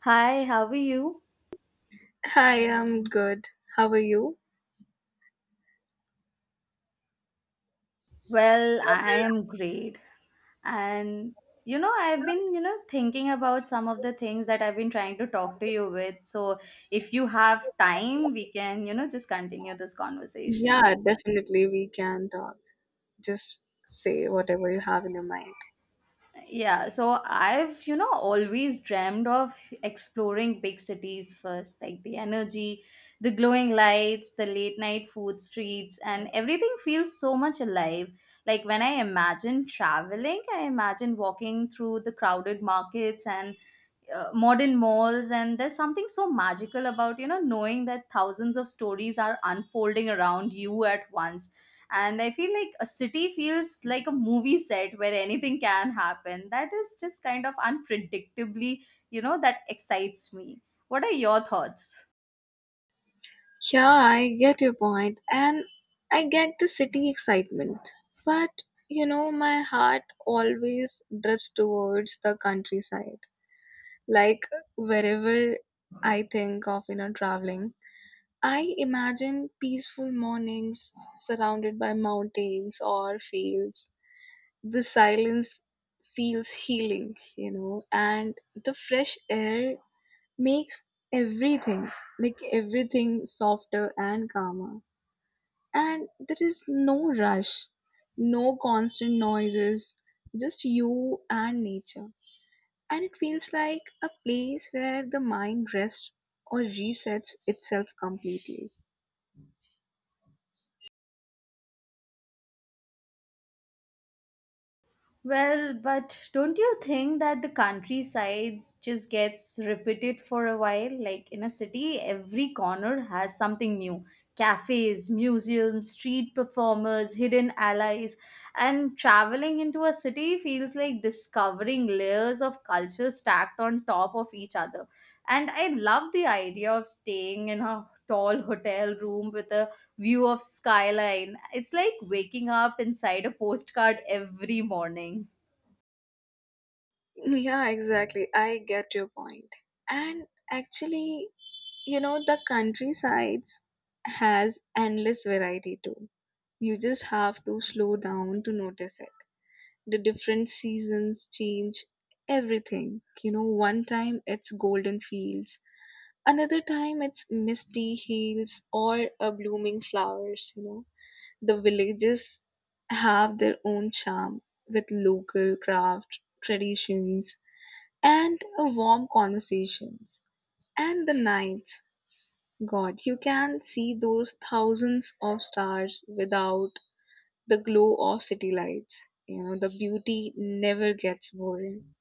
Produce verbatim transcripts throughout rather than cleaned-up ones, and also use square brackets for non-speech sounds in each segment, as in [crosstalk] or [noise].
Hi, how are you? Hi, I'm good. How are you? Well, I am great. And you know, I've been, you know, thinking about some of the things that I've been trying to talk to you with. So, if you have time, we can, you know, just continue this conversation. Yeah, definitely we can talk. Just say whatever you have in your mind. Yeah, so I've, you know, always dreamed of exploring big cities first, like the energy, the glowing lights, the late night food streets, and everything feels so much alive. Like when I imagine traveling, I imagine walking through the crowded markets and uh, modern malls. And there's something so magical about you know knowing that thousands of stories are unfolding around you at once. And I feel like a city feels like a movie set where anything can happen, that is just kind of unpredictably, you know that excites me. What are your thoughts? Yeah, I get your point, and I get the city excitement. But you know, my heart always drifts towards the countryside. Like wherever I think of, you know, traveling, I imagine peaceful mornings surrounded by mountains or fields, the silence feels healing, you know, and the fresh air makes everything, like everything, softer and calmer. And there is no rush, no constant noises, just you and nature. And it feels like a place where the mind rests or resets itself completely. Well, but don't you think that the countrysides just gets repeated for a while? Like in a city, every corner has something new. Cafes, museums, street performers, hidden allies. And traveling into a city feels like discovering layers of culture stacked on top of each other. And I love the idea of staying in a tall hotel room with a view of skyline. It's like waking up inside a postcard every morning. Yeah, exactly. I get your point. And actually, you know the countrysides has endless variety too. You just have to slow down to notice it. The different seasons change everything. You know, one time it's golden fields, another time it's misty hills or a blooming flowers, you know. The villages have their own charm, with local craft traditions and a warm conversations. And the nights, God, you can see those thousands of stars without the glow of city lights. You know, the beauty never gets boring.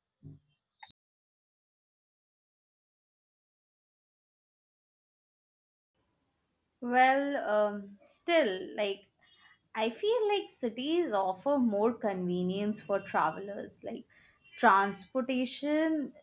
Well, um, still, like, I feel like cities offer more convenience for travelers. Like, transportation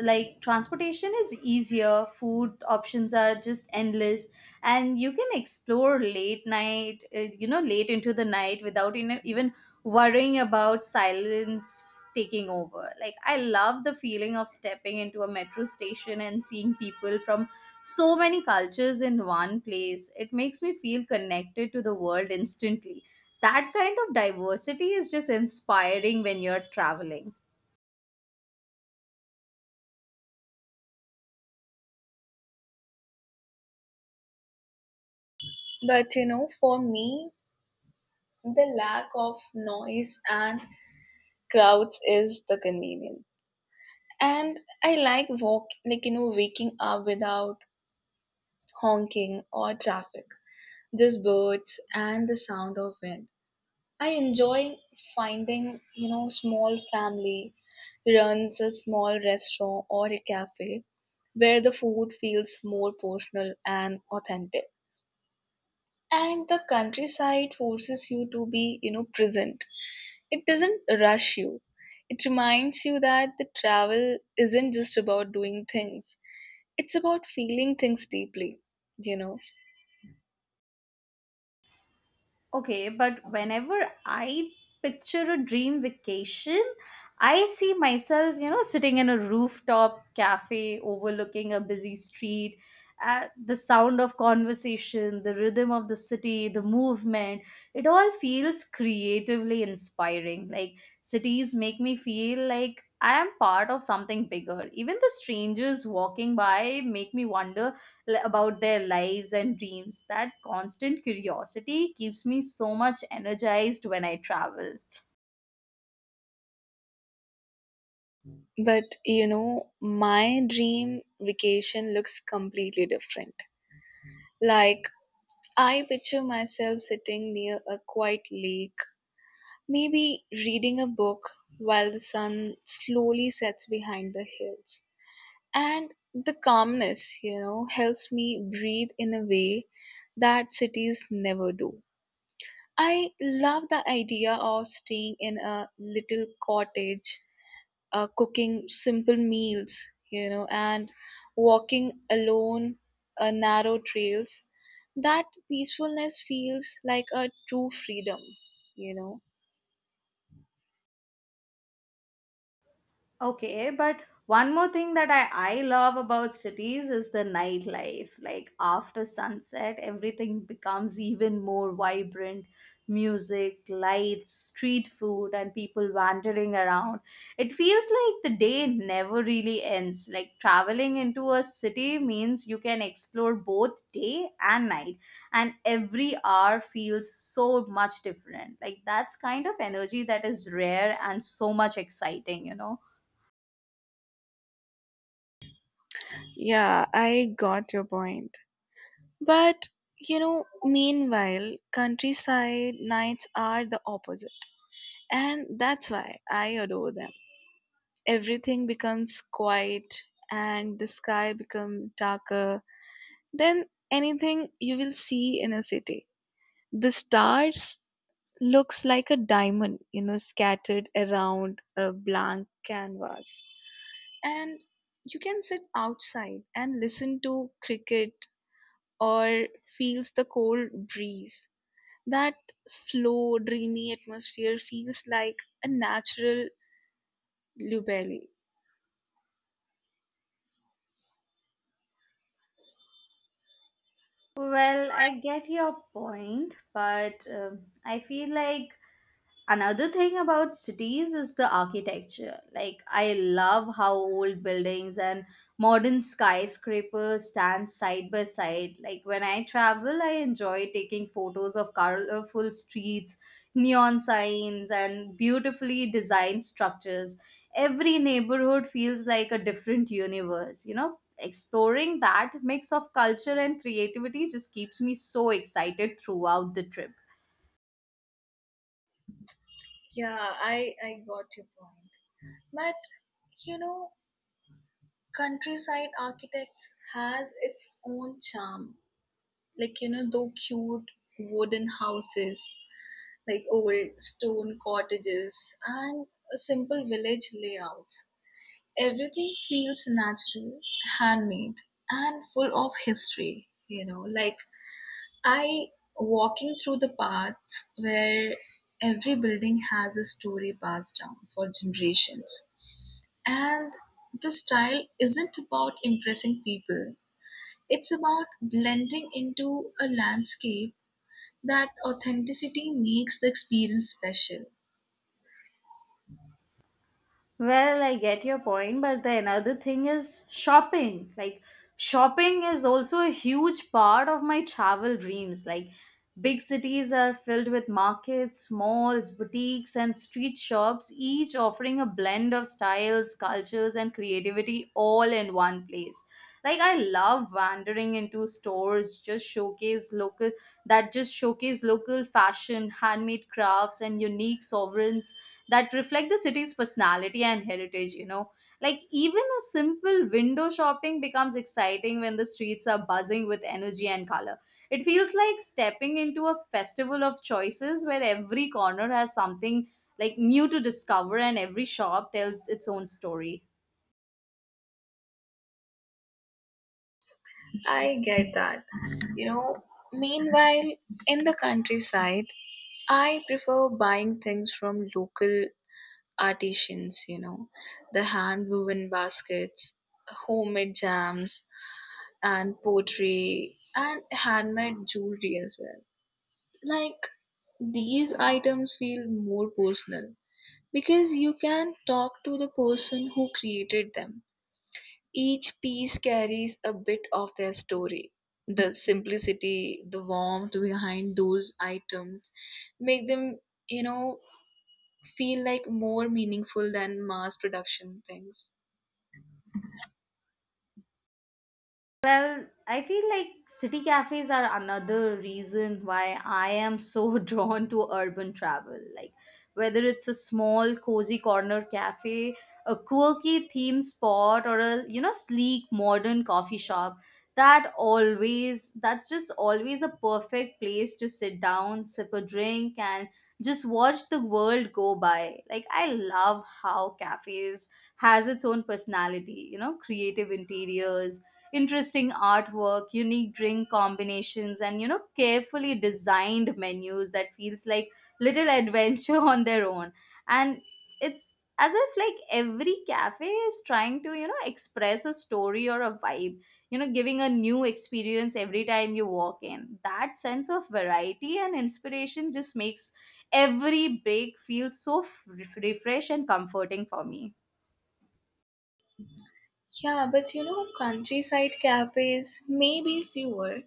like transportation is easier, food options are just endless, and you can explore late night, uh, you know late into the night without in- even worrying about silence taking over. Like I love the feeling of stepping into a metro station and seeing people from so many cultures in one place. It makes me feel connected to the world instantly. That kind of diversity is just inspiring when you're traveling. But you know, for me, the lack of noise and crowds is the convenience. And I like walk, like you know, waking up without honking or traffic. Just birds and the sound of wind. I enjoy finding, you know, small family runs a small restaurant or a cafe where the food feels more personal and authentic. And the countryside forces you to be, you know, present. It doesn't rush you. It reminds you that the travel isn't just about doing things. It's about feeling things deeply, you know. Okay, but whenever I picture a dream vacation, I see myself, you know, sitting in a rooftop cafe overlooking a busy street, uh, the sound of conversation, the rhythm of the city, the movement. It all feels creatively inspiring. Like cities make me feel like I am part of something bigger. Even the strangers walking by make me wonder l- about their lives and dreams. That constant curiosity keeps me so much energized when I travel. But, you know, my dream vacation looks completely different. Like I picture myself sitting near a quiet lake, maybe reading a book while the sun slowly sets behind the hills. And the calmness, you know, helps me breathe in a way that cities never do. I love the idea of staying in a little cottage, uh, cooking simple meals, you know, and walking alone uh, narrow trails. That peacefulness feels like a true freedom, you know. Okay, but one more thing that I, I love about cities is the nightlife. Like after sunset, everything becomes even more vibrant, music, lights, street food, and people wandering around. It feels like the day never really ends. Like traveling into a city means you can explore both day and night, and every hour feels so much different. Like that's kind of energy that is rare and so much exciting, you know? Yeah, I got your point. But you know, meanwhile, countryside nights are the opposite, and that's why I adore them. Everything becomes quiet, and the sky becomes darker than anything you will see in a city. The stars looks like a diamond, you know, scattered around a blank canvas. And you can sit outside and listen to cricket or feels the cold breeze. That slow dreamy atmosphere feels like a natural lubelli. Well, I get your point, but um I feel like another thing about cities is the architecture. Like, I love how old buildings and modern skyscrapers stand side by side. Like, when I travel, I enjoy taking photos of colorful streets, neon signs, and beautifully designed structures. Every neighborhood feels like a different universe, you know? Exploring that mix of culture and creativity just keeps me so excited throughout the trip. Yeah, i i got your point. But you know, countryside architects has its own charm. Like you know, though cute wooden houses, like old stone cottages and a simple village layouts, everything feels natural, handmade, and full of history, you know. Like I, walking through the paths where every building has a story passed down for generations. And the style isn't about impressing people, it's about blending into a landscape. That authenticity makes the experience special. Well, I get your point, but the another thing is shopping. Like, shopping is also a huge part of my travel dreams. Like, big cities are filled with markets, malls, boutiques, and street shops, each offering a blend of styles, cultures, and creativity all in one place. Like, I love wandering into stores, just showcase local that just showcase local fashion, handmade crafts, and unique sovereigns that reflect the city's personality and heritage, you know. Like, even a simple window shopping becomes exciting when the streets are buzzing with energy and color. It feels like stepping into a festival of choices where every corner has something like new to discover, and every shop tells its own story. I get that. You know, meanwhile, in the countryside, I prefer buying things from local artisans, you know, the hand woven baskets, homemade jams, and pottery, and handmade jewelry as well. Like, these items feel more personal because you can talk to the person who created them. Each piece carries a bit of their story. The simplicity, the warmth behind those items make them, you know, feel like more meaningful than mass production things. Well, I feel like city cafes are another reason why I am so [laughs] drawn to urban travel. Like, whether it's a small, cozy corner cafe, a quirky theme spot, or a, you know, sleek, modern coffee shop, that always, that's just always a perfect place to sit down, sip a drink, and just watch the world go by. Like, I love how cafes has its own personality, you know, creative interiors, interesting artwork, unique drink combinations, and you know, carefully designed menus that feels like little adventure [laughs] on their own. And it's as if like every cafe is trying to you know express a story or a vibe, you know giving a new experience every time you walk in. That sense of variety and inspiration just makes every break feel so f- refresh and comforting for me. Yeah, but you know, countryside cafes may be fewer,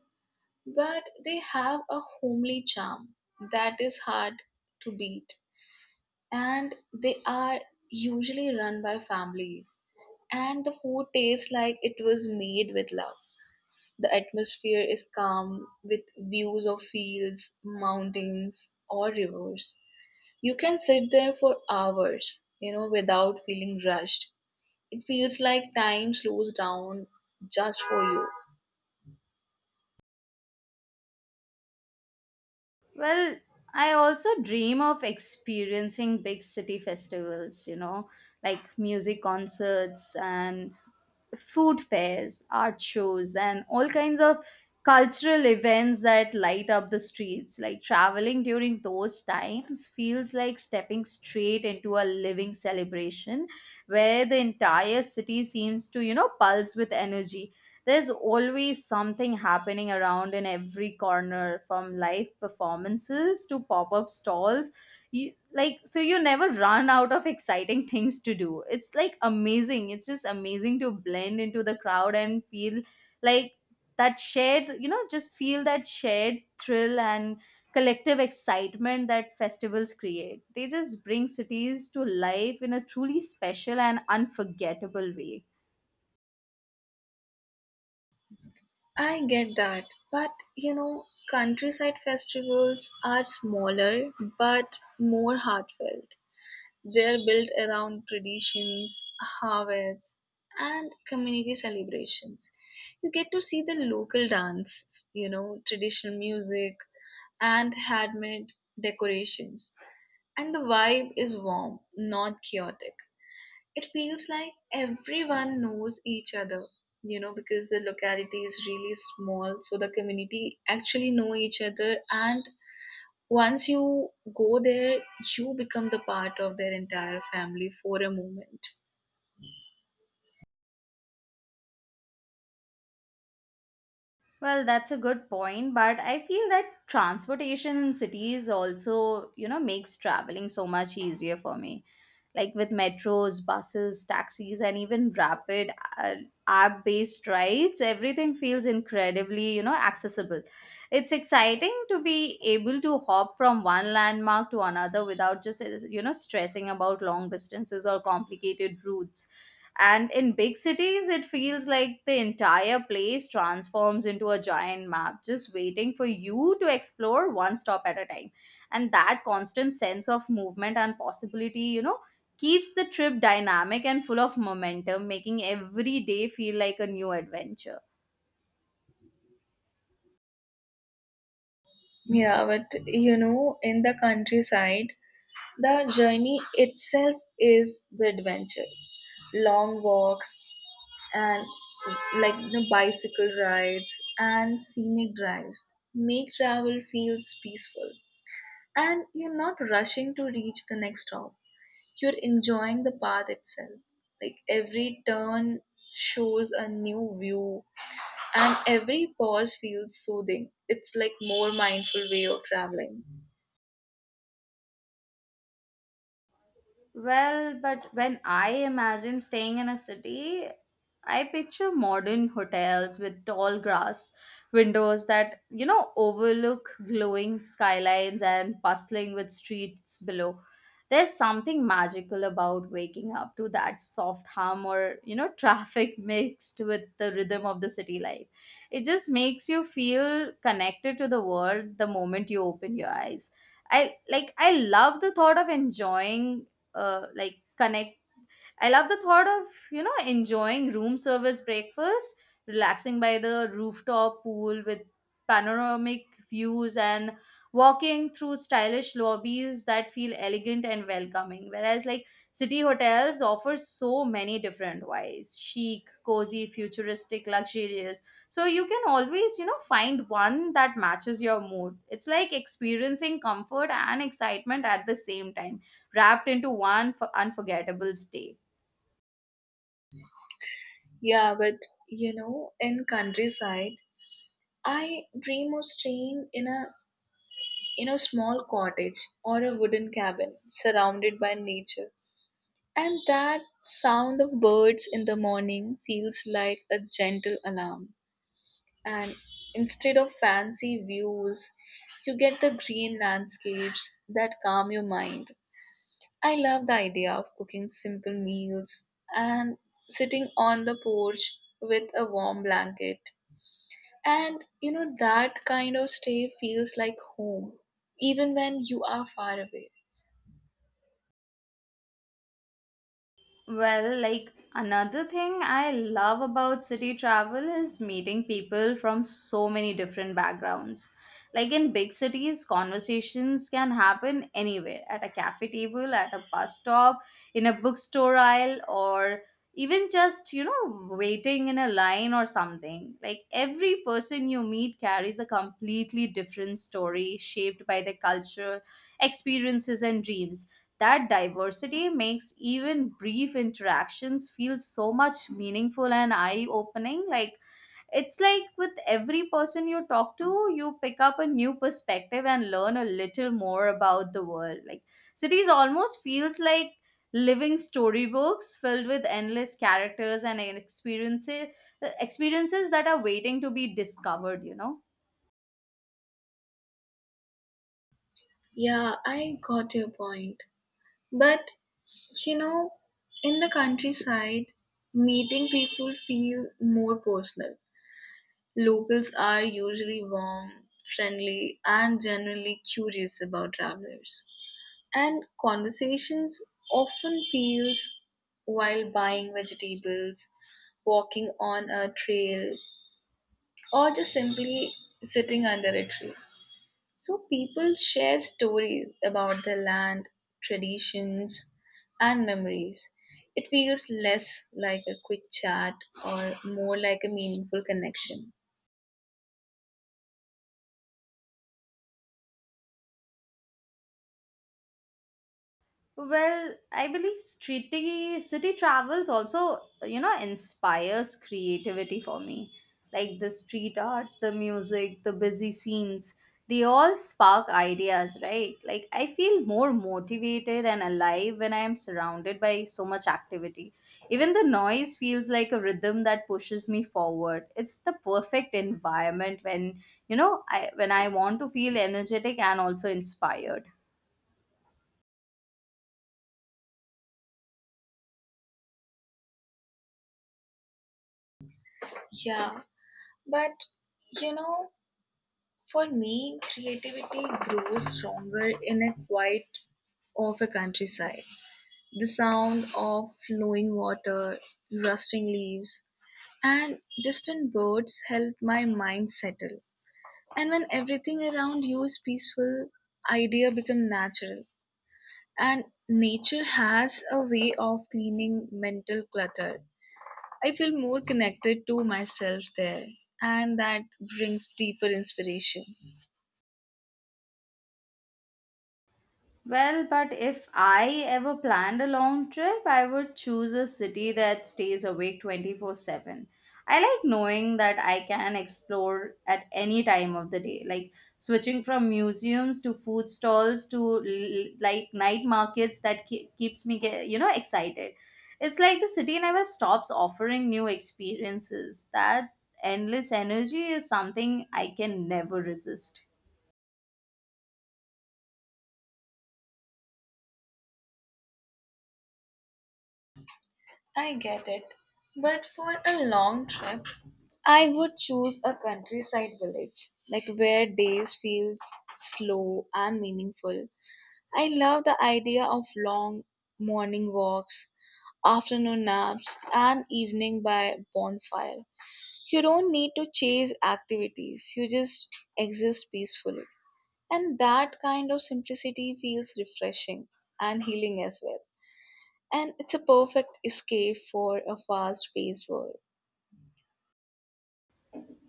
but they have a homely charm that is hard to beat. And they are usually run by families, and the food tastes like it was made with love. The atmosphere is calm with views of fields, mountains, or rivers. You can sit there for hours, you know, without feeling rushed. It feels like time slows down just for you. Well, I also dream of experiencing big city festivals, you know, like music concerts and food fairs, art shows, and all kinds of cultural events that light up the streets. Like traveling during those times feels like stepping straight into a living celebration where the entire city seems to, you know, pulse with energy. There's always something happening around in every corner from live performances to pop up stalls. You, like, so you never run out of exciting [laughs] things to do. It's like amazing. It's just amazing to blend into the crowd and feel like that shared, you know just feel that shared thrill and collective excitement that festivals create. They just bring cities to life in a truly special and unforgettable way. I get that, but you know, countryside festivals are smaller but more heartfelt. They are built around traditions, harvests, and community celebrations. You get to see the local dances, you know, traditional music, and handmade decorations. And the vibe is warm, not chaotic. It feels like everyone knows each other, you know, because the locality is really small, so the community actually know each other. And once you go there, you become the part of their entire family for a moment. Well, that's a good point, but I feel that transportation in cities also, you know, makes traveling so much easier for me. Like with metros, buses, taxis, and even rapid, uh, app based rides, everything feels incredibly, you know, accessible. It's exciting to be able to hop from one landmark to another without just, you know, stressing about long distances or complicated routes. And in big cities, it feels like the entire place transforms into a giant map, just waiting for you to explore one stop at a time. And that constant sense of movement and possibility, you know, keeps the trip dynamic and full of momentum, making every day feel like a new adventure. Yeah, but you know, in the countryside, the journey itself is the adventure. Long walks and like you know, bicycle rides and scenic drives make travel feels peaceful. And you're not rushing to reach the next stop. You're enjoying the path itself. Like every turn shows a new view and every pause feels soothing. It's like more mindful way of traveling. Well, but when I imagine staying in a city, I picture modern hotels with tall grass, windows that, you know, overlook glowing skylines and bustling with streets below. There's something magical about waking up to that soft hum or, you know, traffic [laughs] mixed with the rhythm of the city life. It just makes you feel connected to the world the moment you open your eyes. I like I love the thought of enjoying uh, like connect I love the thought of, you know, enjoying room service breakfast, relaxing by the rooftop pool with panoramic views, and walking through stylish lobbies that feel elegant and welcoming. Whereas like city hotels offer so many different whys. Chic, cozy, futuristic, luxurious. So you can always, you know, find one that matches your mood. It's like experiencing comfort and excitement at the same time wrapped into one f- unforgettable stay. Yeah, but you know, in countryside, I dream of staying in a, in a small cottage or a wooden cabin surrounded by nature. And that sound of birds in the morning feels like a gentle alarm. And instead of fancy views, you get the green landscapes that calm your mind. I love the idea of cooking simple meals and sitting on the porch with a warm blanket. And you know, that kind of stay feels like home, even when you are far away. Well, like another thing I love about city travel is meeting people from so many different backgrounds. Like in big cities, conversations can happen anywhere, at a cafe table, at a bus stop, in a bookstore aisle, or even just, you know, waiting in a line or something. Like every person you meet carries a completely different story shaped by their culture, experiences, and dreams. That diversity makes even brief interactions feel so much meaningful and eye opening. Like, it's like with every person you talk to, you pick up a new perspective and learn a little more about the world. Like, cities almost feels like living storybooks filled with endless characters and experiences experiences that are waiting to be discovered you know Yeah, I got your point. But you know, in the countryside, meeting people feel more personal. Locals are usually warm, friendly, and generally curious about travelers. And conversations often feels while buying vegetables, walking on a trail, or just simply sitting under a tree. So people share stories about the land, traditions, and memories. It feels less like a quick chat or more like a meaningful connection. Well, I believe city city travels also, you know, inspires creativity for me. Like the street art, the music, the busy scenes, they all spark ideas, right? Like I feel more motivated and alive when I am surrounded by so much activity. Even the noise feels like a rhythm that pushes me forward. It's the perfect environment when, you know, I when I want to feel energetic and also inspired. Yeah, but you know, for me, creativity grows stronger in a quiet of a countryside. The sound of flowing water, rustling leaves, and distant birds help my mind settle. And when everything around you is peaceful, idea become natural. And nature has a way of cleaning mental clutter. I feel more connected to myself there, and that brings deeper inspiration. Well, but if I ever planned a long trip, I would choose a city that stays awake twenty four seven. I like knowing that I can explore at any time of the day, like switching from museums to food stalls to l- like night markets that ke- keeps me ge- you know excited. It's like the city never stops offering new experiences. That endless energy is something I can never resist. I get it. But for a long trip, I would choose a countryside village, like where days feels slow and meaningful. I love the idea of long morning walks, afternoon naps, and evening by bonfire. You don't need to chase activities, you just exist peacefully. And that kind of simplicity feels refreshing and healing as well, and it's a perfect escape for a fast paced world.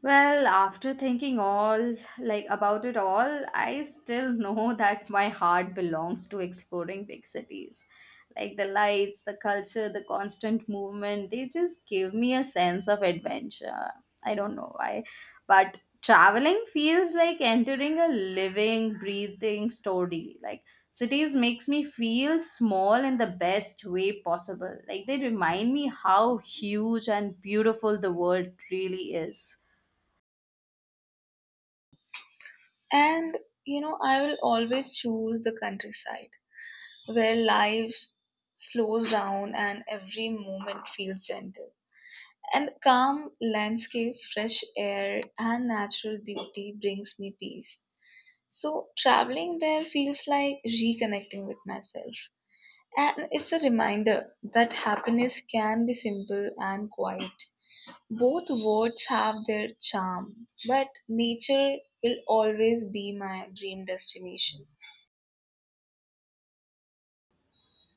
Well, after thinking all like about it all, I still [laughs] know that my heart belongs to exploring big cities. Like the lights, the culture, the constant movement, they just give me a sense of adventure. I don't know why, but traveling feels like entering a living, breathing story. Like cities makes me feel small in the best way possible. Like they remind me how huge and beautiful the world really is. And you know, I will always choose the countryside where life slows down and every moment feels gentle. And calm landscape, fresh air, and natural beauty brings me peace. So, traveling there feels like reconnecting with myself. And it's a reminder that happiness can be simple and quiet. Both words have their charm, but nature will always be my dream destination.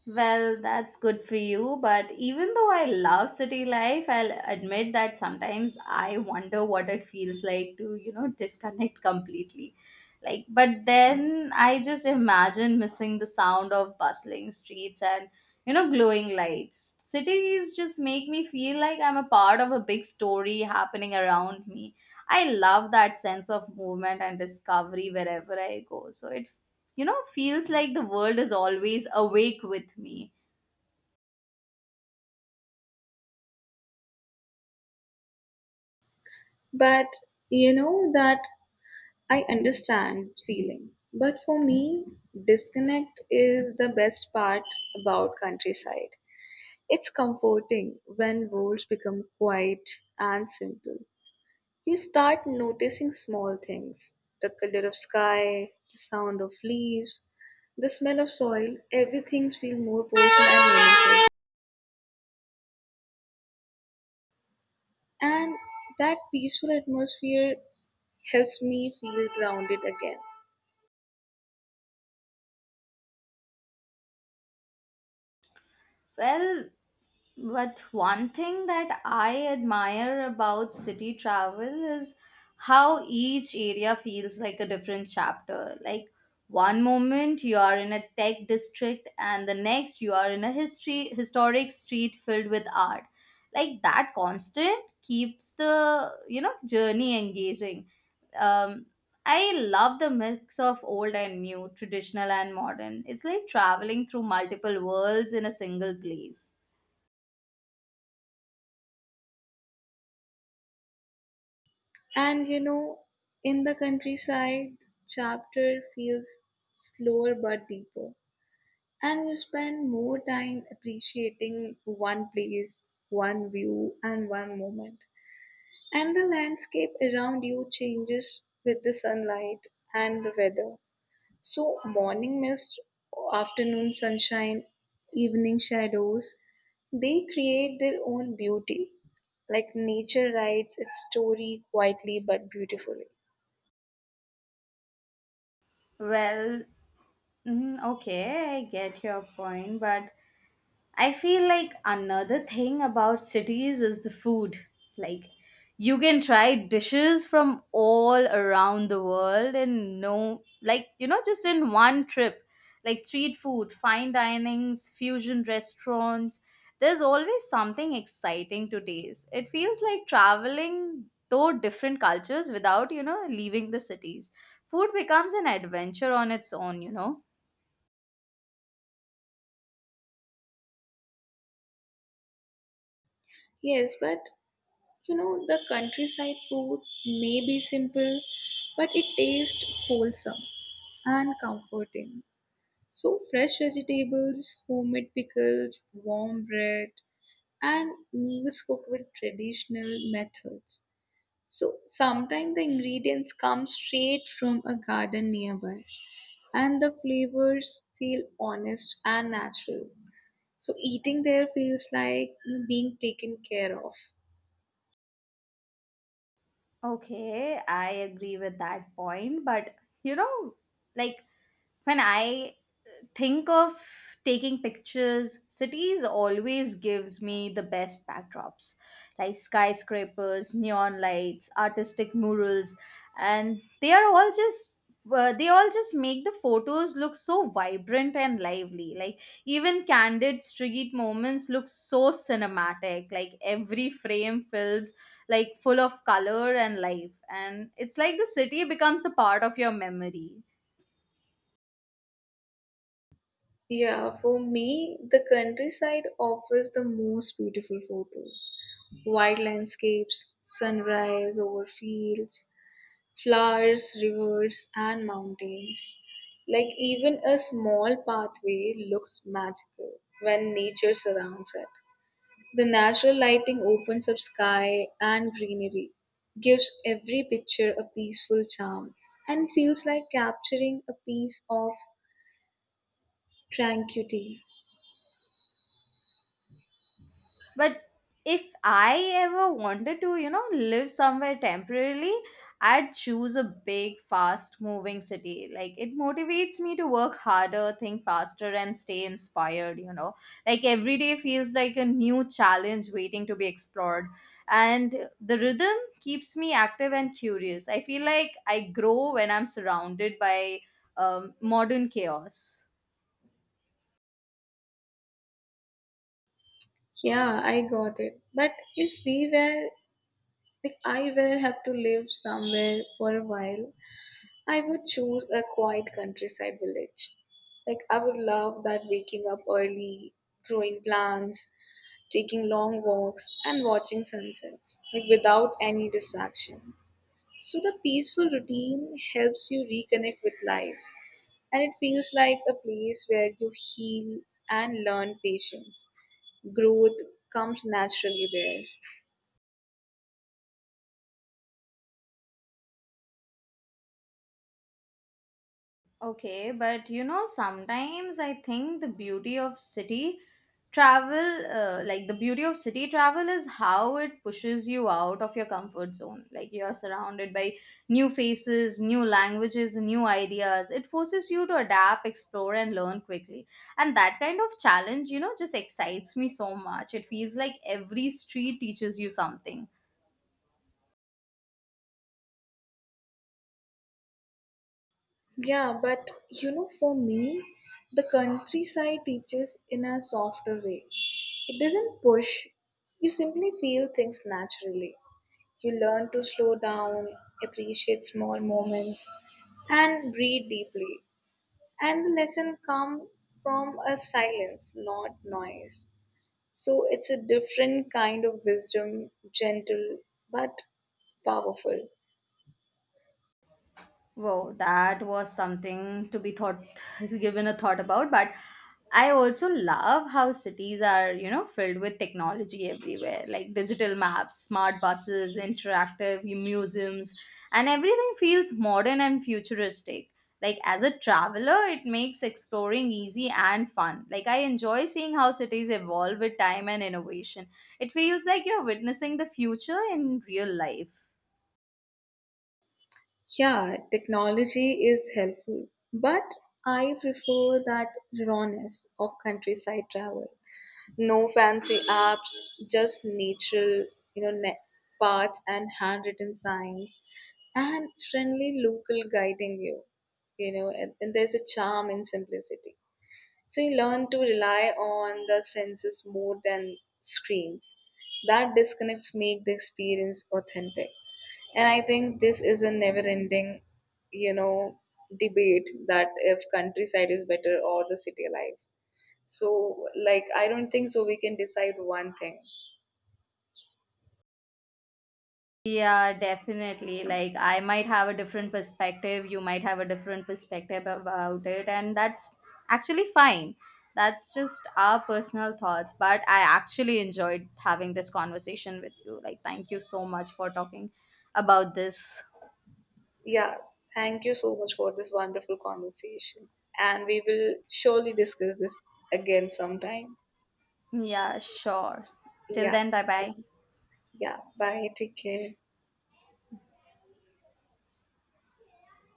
Well, that's good for you, but even though I love city life, I'll admit that sometimes I wonder what it feels like to, you know, disconnect completely. Like, but then I just imagine missing the sound of bustling streets and, you know, glowing lights. Cities just make me feel like I'm a part of a big story happening around me. I love that sense of movement and discovery wherever I go. So it you know feels like the world is always awake with me. But you know that I understand feeling. But for me, disconnect is the best part about countryside. It's comforting when words become quiet and simple. You start noticing small things, the color of sky, the sound of leaves, the smell of soil, everything feels more personal and meaningful. And that peaceful atmosphere helps me feel grounded again. well But one thing that I admire about city travel is how each area feels like a different chapter. Like one moment you are in a tech district and the next you are in a history historic street filled with art. Like that constant keeps the, you know, journey engaging. Um I love the mix of old and new, traditional and modern. It's like traveling through multiple worlds in a single place. And you know, in the countryside, chapter feels slower but deeper. And you spend more time appreciating one place, one view, and one moment. And the landscape around you changes with the sunlight and the weather. So, morning mist, afternoon sunshine, evening shadows, they create their own beauty. Like nature writes its story quietly but beautifully. Well, mm, okay, I get your point, but I feel like another thing about cities is the food. Like, you can try dishes from all around the world and no, like, you know, just in one trip. Like, street food, fine dinings, fusion restaurants. There's always something exciting to taste. It feels like traveling though different cultures without, you know, leaving the cities. Food becomes an adventure on its own, you know. Yes, but you know, the countryside food may be simple, but it tastes wholesome and comforting. So, fresh vegetables, homemade pickles, warm bread, and meals cooked with traditional methods. So sometimes the ingredients come straight from a garden nearby and the flavors feel honest and natural. So eating there feels like being taken care of. Okay, I agree with that point, but you know, like when I think of taking pictures, cities always gives me the best backdrops, like skyscrapers, neon lights, artistic murals, and they are all just uh, they all just make the photos look so vibrant and lively, like even candid street moments look so cinematic, like every frame fills, like full of color and life, and it's like the city becomes the part of your memory. Yeah, for me, the countryside offers the most beautiful photos. Wide landscapes, sunrise over fields, flowers, rivers, and mountains. Like even a small pathway looks magical when nature surrounds it. The natural lighting opens up sky and greenery, gives every picture a peaceful charm, and feels like capturing a piece of tranquility. But if I ever wanted to, you know, live somewhere temporarily, I'd choose a big, fast moving city. Like, it motivates me to work harder, think faster, and stay inspired, you know. Like, every day feels like a new challenge waiting to be explored. And the rhythm keeps me active and curious. I feel like I grow when I'm surrounded by um, modern chaos. Yeah, I got it. But if we were, like, I were have to live somewhere for a while, I would choose a quiet countryside village. Like, I would love that waking up early, growing plants, taking long walks, and watching sunsets, like, without any distraction. So, the peaceful routine helps you reconnect with life and it feels like a place where you heal and learn patience. Growth comes naturally there. Okay, but you know, sometimes I think the beauty of city travel, uh, like the beauty of city travel, is how it pushes you out of your comfort zone. Like you are surrounded by new faces, new languages, new ideas. It forces you to adapt, explore, and learn quickly. And that kind of challenge, you know, just excites me so much. It feels like every street teaches you something. Yeah, but you know, for me, the countryside teaches in a softer way. It doesn't push, you simply feel things naturally. You learn to slow down, appreciate small moments, and breathe deeply. And the lesson comes from a silence, not noise. So it's a different kind of wisdom, gentle but powerful. Wow, that was something to be thought [laughs] given a thought about, but I also love how cities are, you know, filled with technology everywhere, like digital maps, smart buses, interactive museums, and everything feels modern and futuristic. Like as a traveler, it makes exploring easy and fun. Like I enjoy seeing how cities evolve with time and innovation. It feels like you're witnessing the future in real life. Yeah, technology is helpful, but I prefer that rawness of countryside travel. No fancy apps, just natural, you know, ne- paths and handwritten signs, and friendly local guiding you. You know, and, and there's a charm in simplicity. So you learn to rely on the senses more than screens. That disconnects make the experience authentic. And I think this is a never ending, you know, debate that if countryside is better or the city life. So like I don't think so we can decide one thing. Yeah, definitely. Like, I might have a different perspective, you might have a different perspective about it, and that's actually fine. That's just our personal thoughts. But I actually enjoyed having this conversation with you. Like, thank you so much for talking about this. Yeah, thank you so much for this wonderful conversation. And we will surely discuss this again sometime. Yeah, sure. Till Yeah. then, bye bye. Yeah. Bye. Take care.